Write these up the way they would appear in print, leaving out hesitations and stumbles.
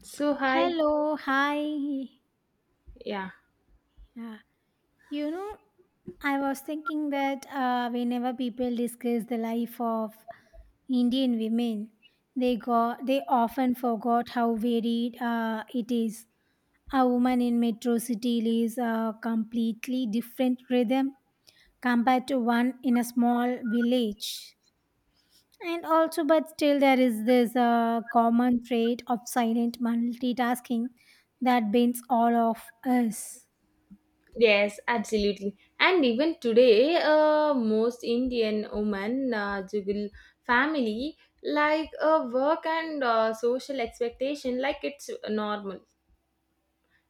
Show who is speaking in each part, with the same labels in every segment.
Speaker 1: So hi,
Speaker 2: Hello, hi.
Speaker 1: yeah,
Speaker 2: Yeah. You know, I was thinking that whenever people discuss the life of Indian women, they often forgot how varied it is. A woman in metro city lives a completely different rhythm compared to one in a small village. And also, but still, there is this common trait of silent multitasking that binds all of us.
Speaker 1: yes, absolutely. And even today, most Indian women juggle family like work and social expectation like it's normal.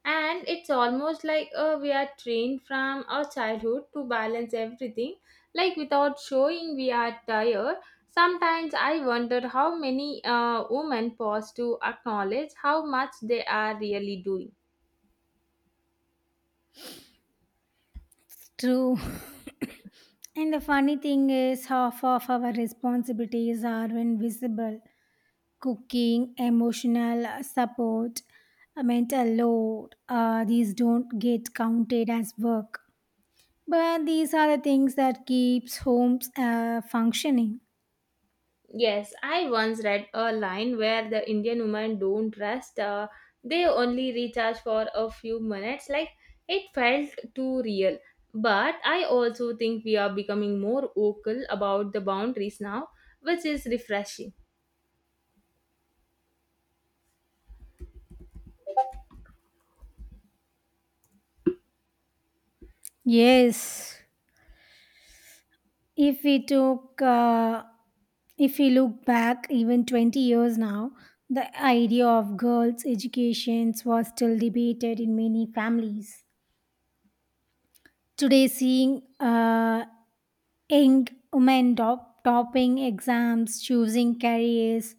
Speaker 1: And it's almost like we are trained from our childhood to balance everything, like without showing we are tired. Sometimes I wonder how many women pause to acknowledge how much they are really doing.
Speaker 2: It's true. And the funny thing is, half of our responsibilities are invisible cooking, emotional support, mental load. These don't get counted as work. But these are the things that keeps homes functioning.
Speaker 1: Yes, I once read a line where the Indian women don't rest, they only recharge for a few minutes. Like it felt too real. But I also think we are becoming more vocal about the boundaries now, which is refreshing.
Speaker 2: Yes, if we took, uh, if we look back even 20 years now, the idea of girls' educations was still debated in many families. Today, seeing young women topping exams, choosing careers,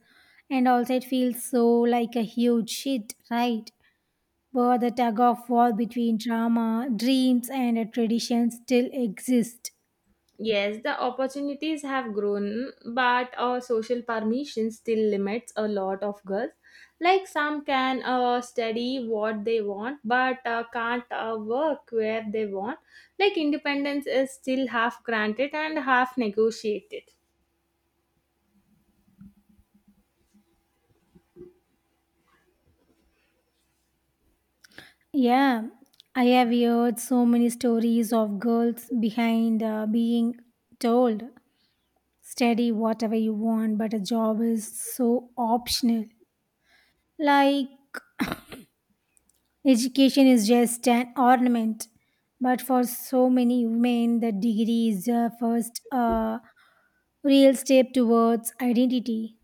Speaker 2: and also it feels so like a huge hit, right? But the tug of war between drama, dreams, and a tradition still exist.
Speaker 1: Yes, the opportunities have grown, but social permission still limits a lot of girls. Like some can study what they want, but can't work where they want. Like independence is still half granted and half negotiated.
Speaker 2: Yeah, I have heard so many stories of girls behind being told study whatever you want, but a job is so optional. Like education is just an ornament, but for so many women, the degree is the first real step towards identity.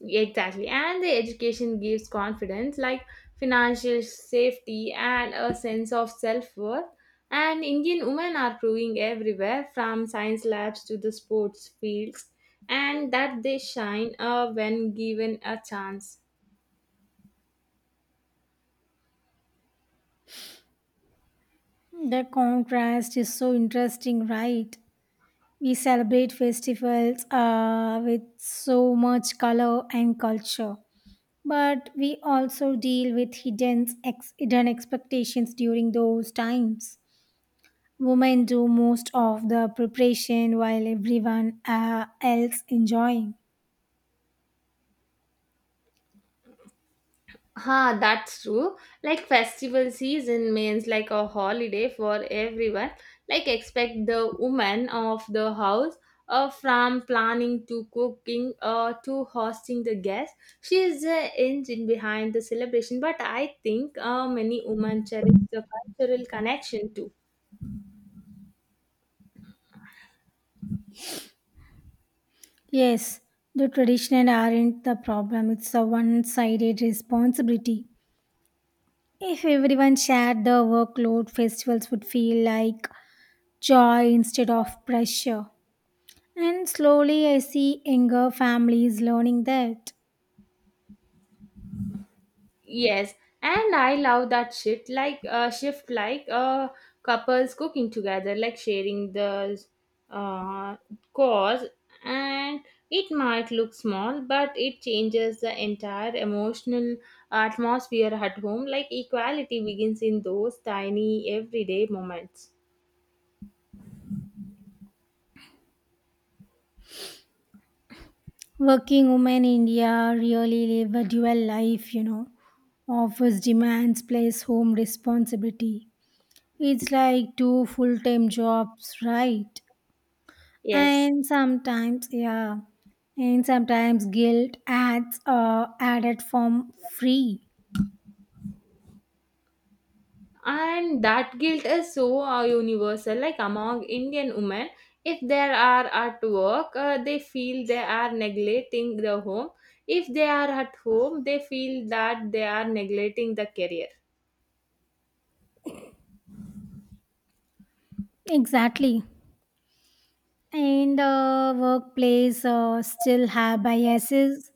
Speaker 1: Exactly. And the education gives confidence like financial safety and a sense of self worth. And Indian women are proving everywhere from science labs to the sports fields and that they shine when given a chance.
Speaker 2: The contrast is so interesting, right? We celebrate festivals with so much color and culture, but we also deal with hidden expectations during those times. Women do most of the preparation while everyone else enjoying.
Speaker 1: Ha, that's true. Like festival season means like a holiday for everyone. Like expect the woman of the house, from planning to cooking to hosting the guests. She is the engine behind the celebration, but I think many women cherish the cultural connection too.
Speaker 2: Yes, the traditional aren't the problem, it's a one sided responsibility. If everyone shared the workload, festivals would feel like joy instead of pressure. And slowly, I see younger families learning that.
Speaker 1: Yes, and I love that shit like shift like couples cooking together, like sharing the uh, cause, and it might look small, but it changes the entire emotional atmosphere at home. Like equality begins in those tiny everyday moments.
Speaker 2: Working women in India really live a dual life, you know. Office demands plus home responsibility. It's like two full time jobs, right?
Speaker 1: Yes.
Speaker 2: And sometimes yeah, and sometimes guilt adds added form free.
Speaker 1: And that guilt is so universal like among indian women. If they are at work, they feel they are neglecting the home. If they are at home, they feel that they are neglecting the career.
Speaker 2: Exactly, and workplace still have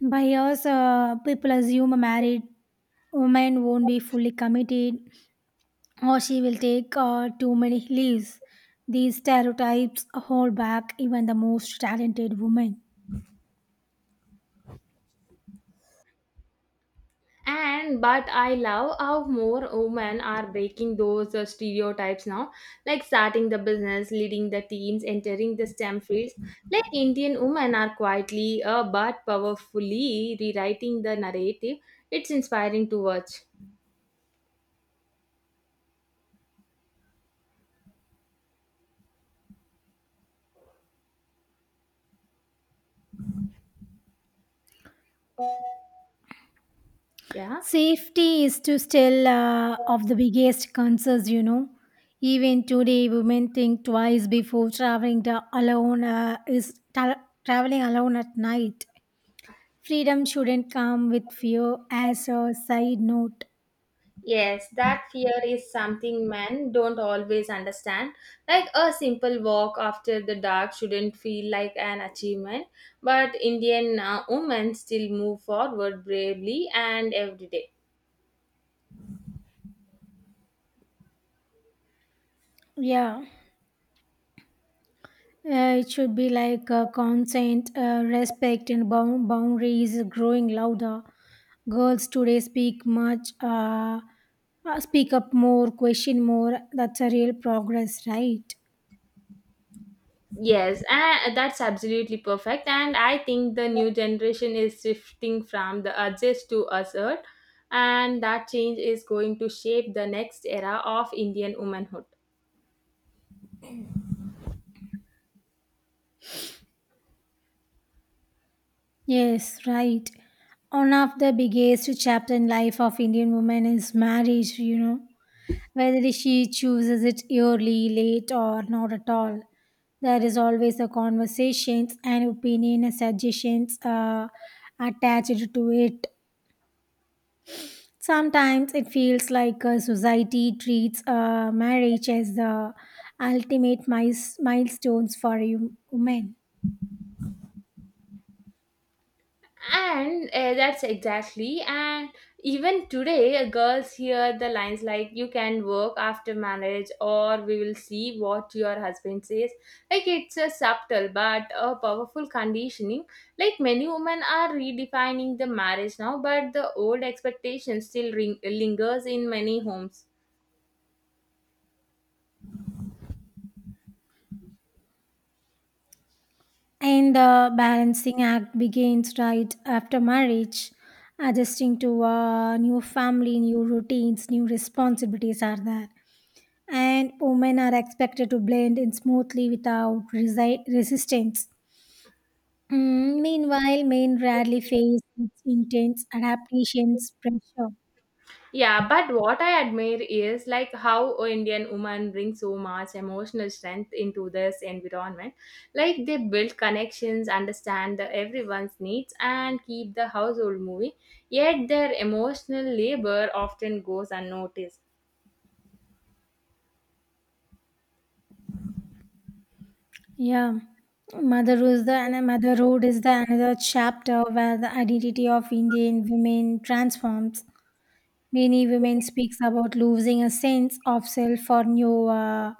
Speaker 2: bias, people assume a married woman won't be fully committed, or she will take too many leaves. These stereotypes hold back even the most talented women.
Speaker 1: And but I love how more women are breaking those stereotypes now, like starting the business, leading the teams, entering the stem fields. Like indian women are quietly but powerfully rewriting the narrative. It's inspiring to watch. Yeah.
Speaker 2: Safety is to still of the biggest concerns, you know. Even today, women think twice before traveling the alone traveling alone at night. Freedom shouldn't come with fear. As a side note,
Speaker 1: Yes, that fear is something men don't always understand. Like a simple walk after the dark shouldn't feel like an achievement, but Indian women still move forward bravely and every day.
Speaker 2: yeah, it should be like consent, respect, and boundaries growing louder. Girls today speak up more, question more. That's a real progress, right?
Speaker 1: Yes, that's absolutely perfect. And I think the new generation is shifting from the adjust to assert, and that change is going to shape the next era of Indian womanhood.
Speaker 2: Yes, right. One of the biggest chapter in life of Indian woman is marriage, you know. Whether she chooses it early, late or not at all. There is always a conversations and opinion and suggestions attached to it. Sometimes it feels like society treats marriage as the ultimate milestones for a woman.
Speaker 1: And that's exactly. And even today, girls hear the lines like you can work after marriage or we will see what your husband says. Like it's a subtle but a powerful conditioning. Like many women are redefining the marriage now, but the old expectation lingers in many homes.
Speaker 2: And the balancing act begins right after marriage. Adjusting to a new family, new routines, new responsibilities are there. And women are expected to blend in smoothly without resistance. Mm, meanwhile, men rarely face its intense adaptations pressure.
Speaker 1: Yeah, but what I admire is like how a Indian woman brings so much emotional strength into this environment. Like they build connections, understand the everyone's needs, and keep the household moving. Yet their emotional labor often goes unnoticed.
Speaker 2: Yeah. Motherhood is the another chapter where the identity of Indian women transforms. Many women speaks about losing a sense of self for new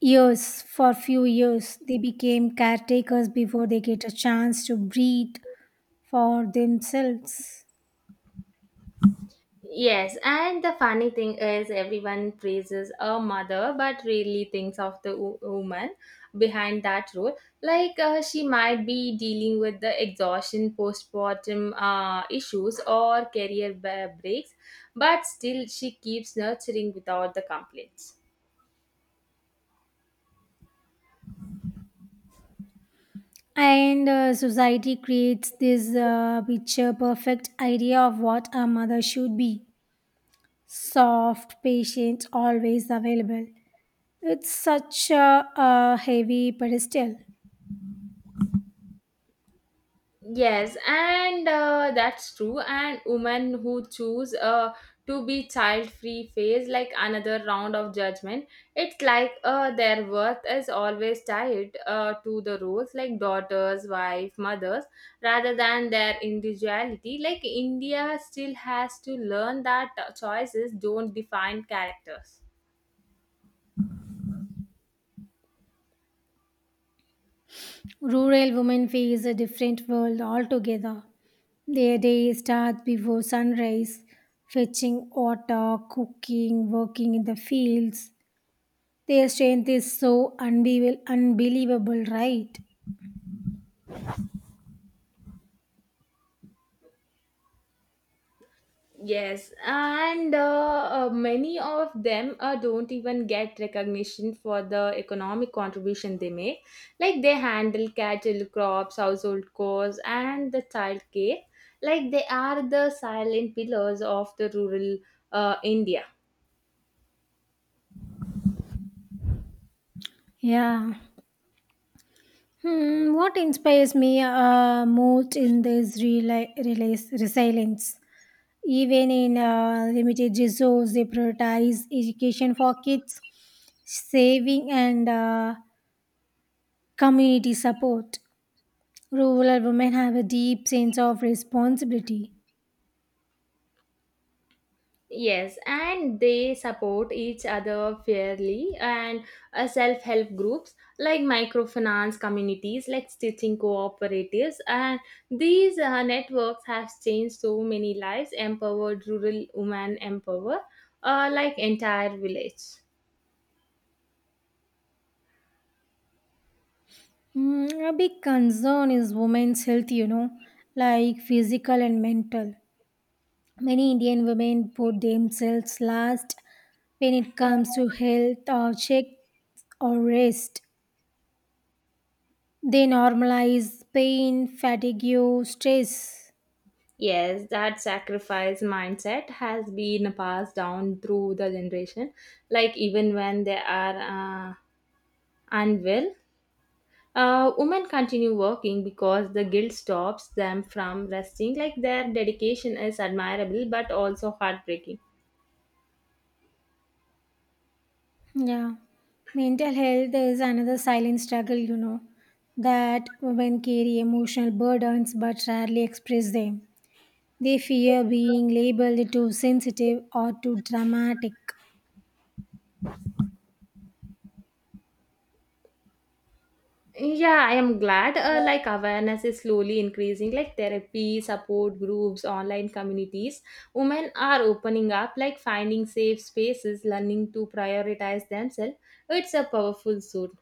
Speaker 2: years. For few years, they became caretakers before they get a chance to breathe for themselves.
Speaker 1: Yes, and the funny thing is, everyone praises a mother but really thinks of the woman behind that role. Like she might be dealing with the exhaustion, postpartum issues, or career breaks, but still she keeps nurturing without the complaints.
Speaker 2: And society creates this picture perfect idea of what a mother should be soft, patient, always available. It's such a heavy pedestal.
Speaker 1: Yes, and that's true. And women who choose to be child free face like another round of judgment. It's like their worth is always tied to the roles like daughters, wife, mothers, rather than their individuality. Like India still has to learn that choices don't define characters.
Speaker 2: Rural women face a different world altogether. Their day starts before sunrise, fetching water, cooking, working in the fields. Their strength is so unbelievable, right?
Speaker 1: Yes, and many of them don't even get recognition for the economic contribution they make. Like they handle cattle, crops, household chores, and the child care. Like they are the silent pillars of the rural India.
Speaker 2: Yeah. Hmm, what inspires me most in this resilience? Even in limited resources, they prioritize education for kids, saving, and community support. Rural women have a deep sense of responsibility.
Speaker 1: Yes, and they support each other fairly and self-help groups like microfinance communities, like stitching cooperatives, and these networks have changed so many lives, empowered rural women, empower like entire village.
Speaker 2: Mm, a big concern is women's health, you know, like physical and mental. Many Indian women put themselves last when it comes to health or check or rest. They normalize pain, fatigue, stress.
Speaker 1: Yes, that sacrifice mindset has been passed down through the generation, like even when they are unwell, women continue working because the guilt stops them from resting. Like their dedication is admirable but also heartbreaking.
Speaker 2: Yeah. Mental health is another silent struggle, you know, that women carry emotional burdens but rarely express them. They fear being labeled too sensitive or too dramatic.
Speaker 1: Yeah, I am glad. Like awareness is slowly increasing. Like therapy, support groups, online communities. Women are opening up, like finding safe spaces, learning to prioritize themselves. It's a powerful suit.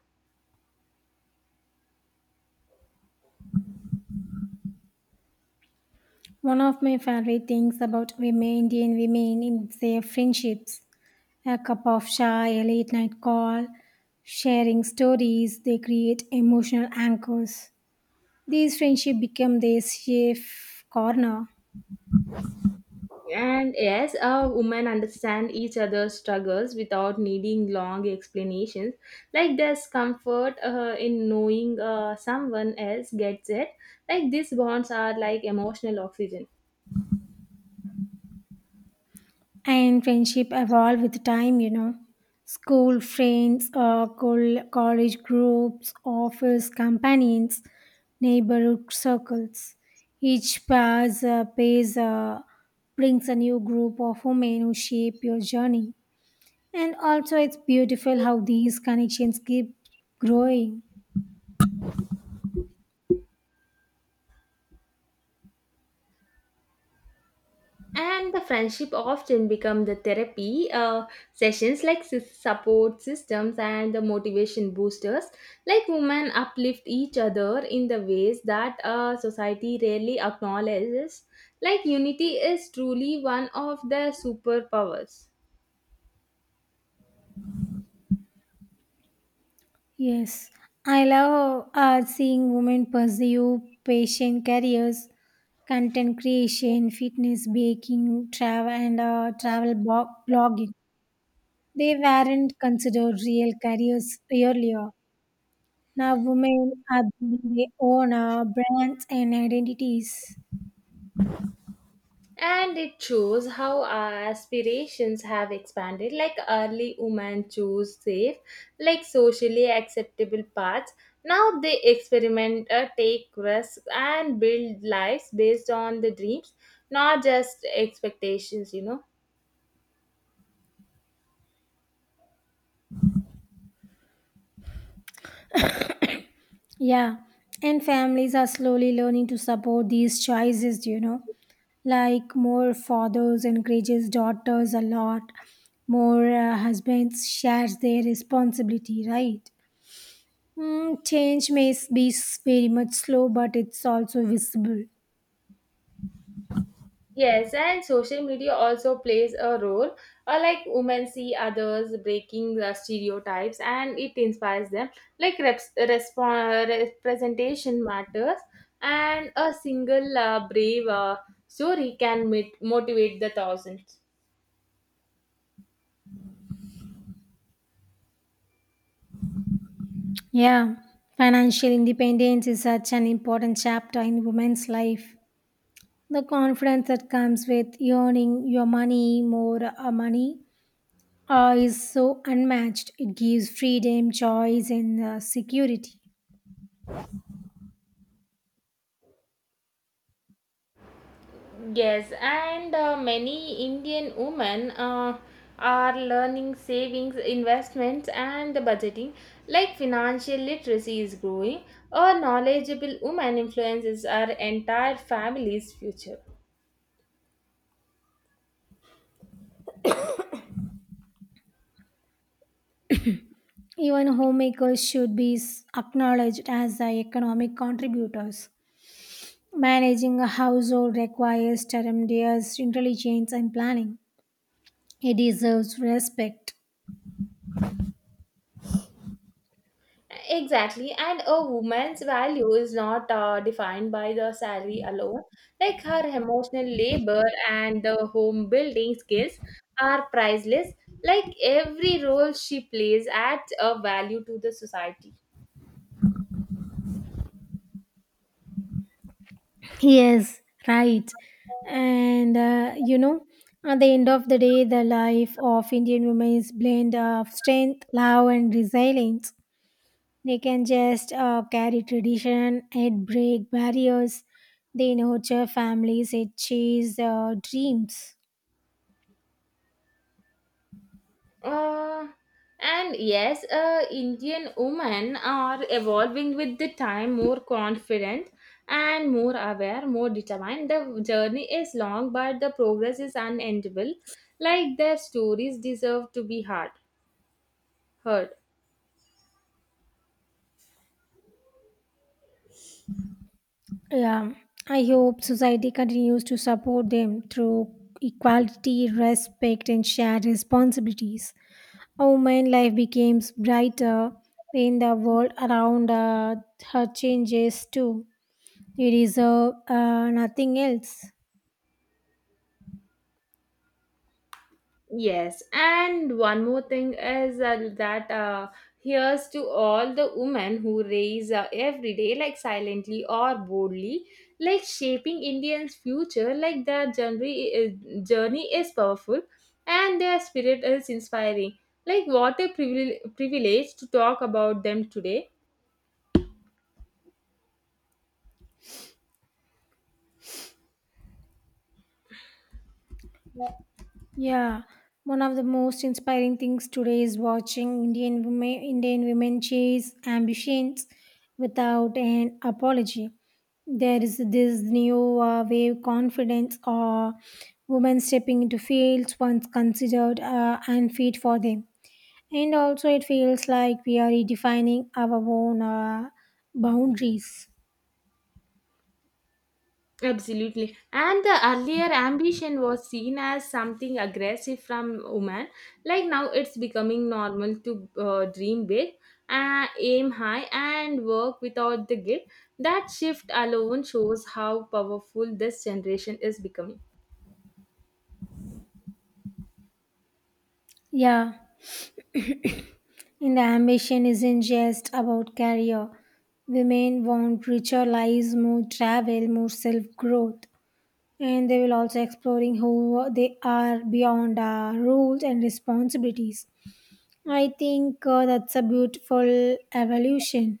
Speaker 2: One of my favorite things about women, Indian women, is their friendships. A cup of chai, a late night call, sharing stories, they create emotional anchors. These friendships become their safe corner.
Speaker 1: And yes, women understand each other's struggles without needing long explanations. Like there's comfort in knowing someone else gets it. Like these bonds are like emotional oxygen.
Speaker 2: And friendship evolve with time, you know, school friends, college groups, office companions, neighborhood circles, each pass phase, brings a new group of women who shape your journey, and also it's beautiful how these connections keep growing.
Speaker 1: And the friendship often become the therapy sessions, like support systems and the motivation boosters. Like women uplift each other in the ways that society rarely acknowledges. Like unity is truly one of the superpowers.
Speaker 2: Yes, I love seeing women pursue patient careers, content creation, fitness, baking, travel, and blogging. They weren't considered real careers earlier. Now, women are building their own brands and identities.
Speaker 1: And it shows how our aspirations have expanded. Like early women chose safe, like socially acceptable paths. Now they experiment, take risks, and build lives based on the dreams, not just expectations, you know.
Speaker 2: Yeah, and families are slowly learning to support these choices, you know. Like more fathers encourages daughters a lot, more husbands shares their responsibility, right? Change may s- be s- very much slow, but it's also visible.
Speaker 1: Yes, and social media also plays a role. Like women see others breaking the stereotypes, and it inspires them. Like representation matters, and a single brave story can motivate the thousands.
Speaker 2: Yeah, financial independence is such an important chapter in women's life. The confidence that comes with earning your money more money is so unmatched. It gives freedom, choice, and security.
Speaker 1: Yes, and many Indian women are learning savings, investments, and budgeting. Like financial literacy is growing, a knowledgeable woman influences our entire family's future.
Speaker 2: Even homemakers should be acknowledged as the economic contributors. Managing a household requires tremendous intelligence and planning. It deserves respect.
Speaker 1: Exactly, and a woman's value is not defined by the salary alone. Like her emotional labor and the home building skills are priceless. Like every role she plays adds a value to the society.
Speaker 2: Yes, right. And at the end of the day, the life of Indian women is blend of strength, love, and resilience. They can just carry tradition and break barriers. They nurture families, it chase dreams.
Speaker 1: Uh, and yes, Indian women are evolving with the time, more confident and more aware, more determined. The journey is long, but the progress is unendable. Like their stories deserve to be heard. Heard.
Speaker 2: Yeah, I hope society continues to support them through equality, respect, and shared responsibilities. A woman's life becomes brighter when the world around her changes too. We deserve nothing else.
Speaker 1: Yes, and one more thing is that here's to all the women who raise every day, like silently or boldly, like shaping Indians' future. Like their journey is powerful, and their spirit is inspiring. Like what a privilege to talk about them today.
Speaker 2: Yeah, one of the most inspiring things today is watching Indian women chase ambitions without an apology. There is this new wave confidence or women stepping into fields once considered unfit for them. And also, it feels like we are redefining our own boundaries.
Speaker 1: Absolutely. And the earlier ambition was seen as something aggressive from women. Like now it's becoming normal to dream big, aim high, and work without the guilt. That shift alone shows how powerful this generation is becoming.
Speaker 2: Yeah. And ambition isn't just about career. Women want richer lives, more travel, more self growth. And they will also exploring who they are beyond roles and responsibilities. I think that's a beautiful evolution.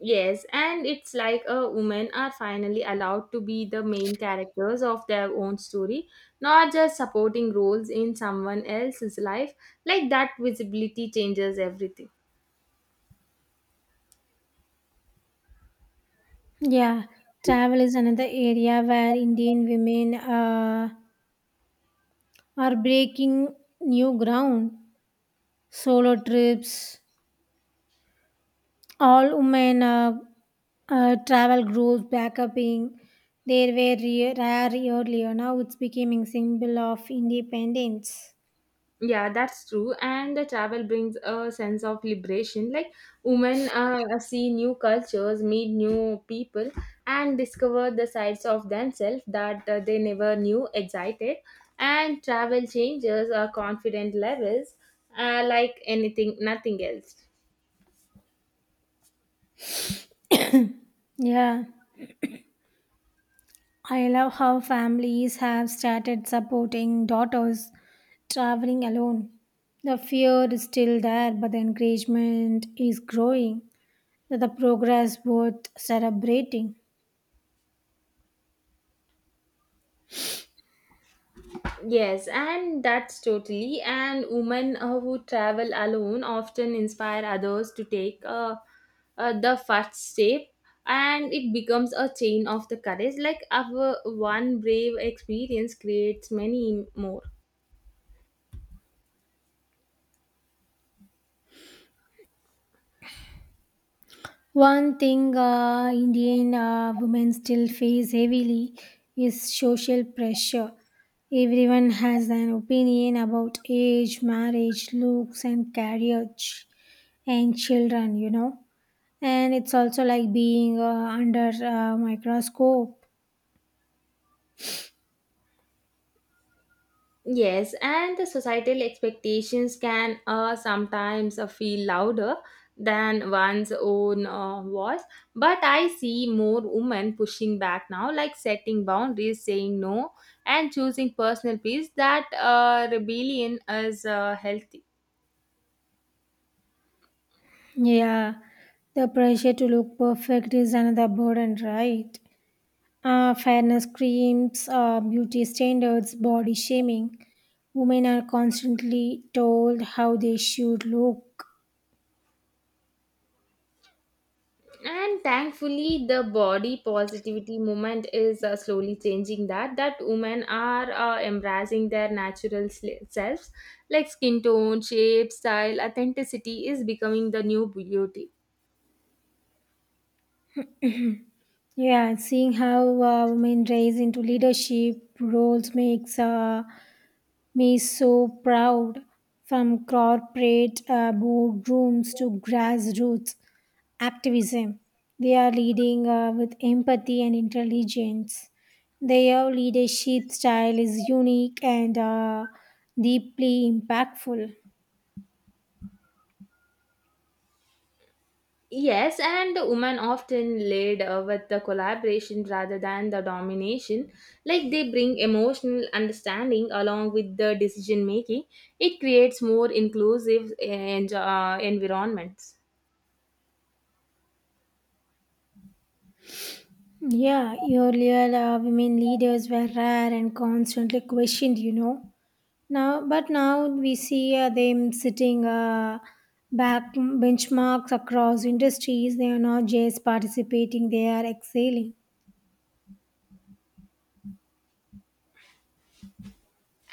Speaker 1: Yes, and it's like a women are finally allowed to be the main characters of their own story, not just supporting roles in someone else's life. Like that visibility changes everything.
Speaker 2: Yeah, travel is another area where Indian women are breaking new ground. Solo trips, all women travel groups, backpacking. They were rare earlier. Now it's becoming symbol of independence.
Speaker 1: Yeah, that's true. And the travel brings a sense of liberation. Like women see new cultures, meet new people, and discover the sides of themselves that they never knew existed. And travel changes our confident levels, like anything, nothing else.
Speaker 2: Yeah, I love how families have started supporting daughters traveling alone. The fear is still there, but the encouragement is growing. That the progress worth celebrating.
Speaker 1: Yes, and that's totally. And women who travel alone often inspire others to take the first step, and it becomes a chain of the courage. Like our one brave experience creates many more.
Speaker 2: One thing Indian women still face heavily is social pressure. Everyone has an opinion about age, marriage, looks, and carriage and children, you know. And it's also like being under a microscope.
Speaker 1: Yes, and the societal expectations can sometimes feel louder than one's own voice. But I see more women pushing back now, like setting boundaries, saying no, and choosing personal peace. That rebellion is healthy.
Speaker 2: Yeah, the pressure to look perfect is another burden, right? Fairness creams, beauty standards, body shaming. Women are constantly told how they should look.
Speaker 1: And thankfully the body positivity movement is slowly changing that women are embracing their natural selves. Like skin tone, shape, style, authenticity is becoming the new beauty.
Speaker 2: Yeah, seeing how women rise into leadership roles makes me so proud. From corporate boardrooms to grassroots activism, they are leading with empathy and intelligence. Their leadership style is unique and deeply impactful.
Speaker 1: Yes, and the women often lead with the collaboration rather than the domination. Like they bring emotional understanding along with the decision making. It creates more inclusive and environments.
Speaker 2: Yeah, earlier women leaders were rare and constantly questioned, you know. Now we see them sitting back benchmarks across industries. They are not just participating; they are excelling.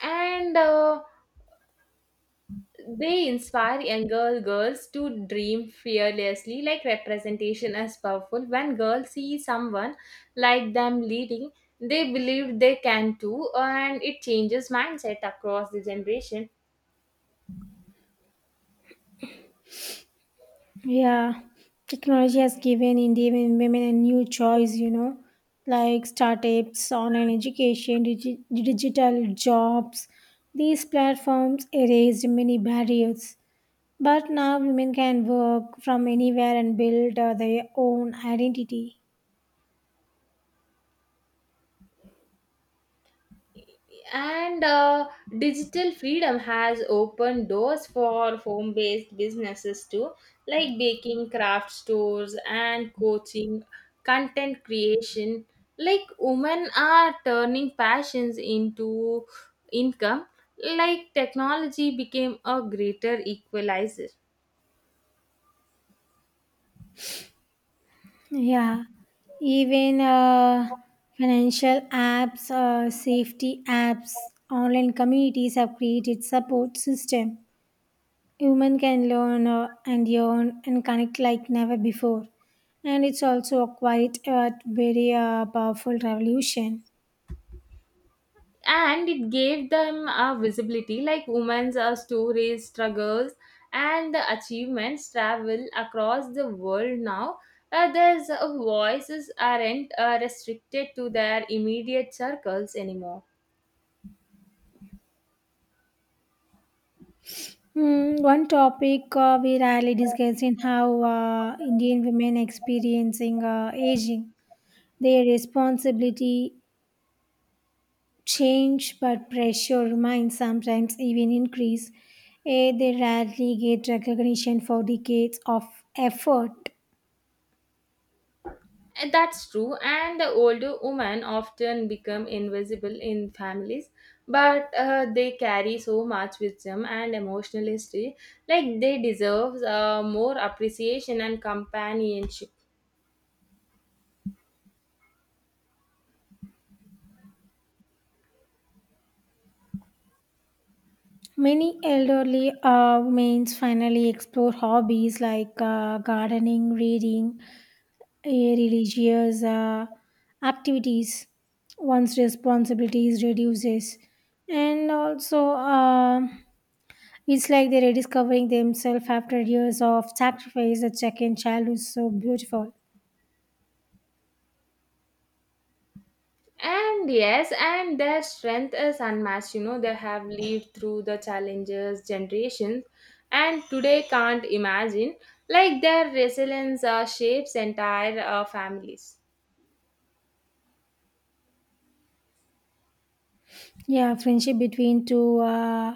Speaker 1: And they inspire younger girls to dream fearlessly. Like representation is powerful. When girls see someone like them leading, they believe they can too, and it changes mindset across the generation.
Speaker 2: Yeah, technology has given Indian women a new choice, you know, like startups, online education, digital jobs. These platforms erased many barriers. But now women can work from anywhere and build their own identity.
Speaker 1: And digital freedom has opened doors for home based businesses too, like baking, craft stores, and coaching, content creation. Like, women are turning passions into income, like, technology became a greater equalizer.
Speaker 2: Yeah, even financial apps, safety apps, online communities have created support system. Women can learn and earn and connect like never before, and it's also a quite a very powerful revolution.
Speaker 1: And it gave them a visibility. Like women's stories, struggles, and the achievements travel across the world now. There's voices aren't restricted to their immediate circles anymore.
Speaker 2: Hmm. One topic we rarely discuss in how Indian women experiencing aging, their responsibility change, but pressure remains sometimes even increase. Eh, they rarely get recognition for decades of effort.
Speaker 1: And that's true. And the older women often become invisible in families, but they carry so much wisdom and emotional history. Like they deserve more appreciation and companionship.
Speaker 2: Many elderly women finally explore hobbies like gardening, reading, a religious activities, one's responsibilities reduces, and also it's like they're rediscovering themselves after years of sacrifice. The second child is so beautiful.
Speaker 1: And yes, and their strength is unmatched. You know, they have lived through the challenges, generations, and today can't imagine. Like their resilience shapes entire families.
Speaker 2: Yeah, friendship between two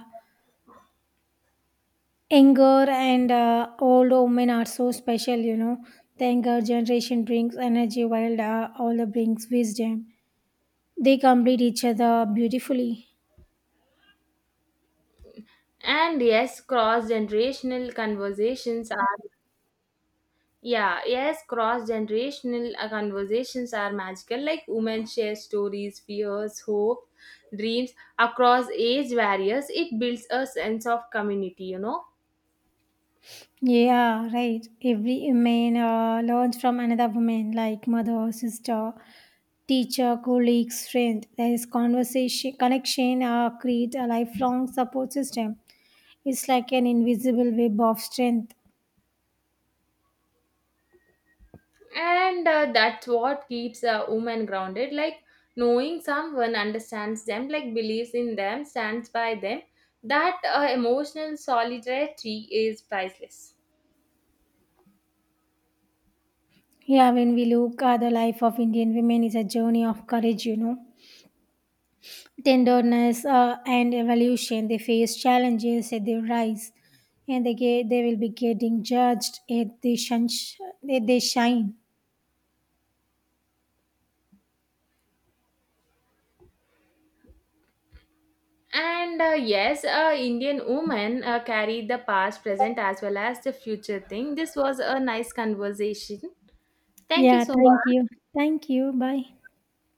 Speaker 2: younger and old women are so special, you know, the younger generation brings energy while the older brings wisdom. They complete each other beautifully.
Speaker 1: And yes, cross generational conversations are magical. Like women share stories, fears, hope, dreams across age barriers. It builds a sense of community. You know.
Speaker 2: Yeah, right. Every woman learns from another woman, like mother, sister, teacher, colleagues, friend. There is conversation, connection, create a lifelong support system. It's like an invisible web of strength.
Speaker 1: And that's what keeps a woman grounded, like knowing someone understands them, like believes in them, stands by them. That emotional solidarity is priceless.
Speaker 2: Yeah, when we look at the life of Indian women, is a journey of courage, you know, tenderness, and evolution. They face challenges and they rise, and they will be getting judged if they shun, if they shine.
Speaker 1: And yes, indian women carry the past, present, as well as the future thing. This was a nice conversation. Thank you
Speaker 2: Yeah,
Speaker 1: so
Speaker 2: thank you.
Speaker 1: much.
Speaker 2: Thank you. Bye.
Speaker 1: Bye.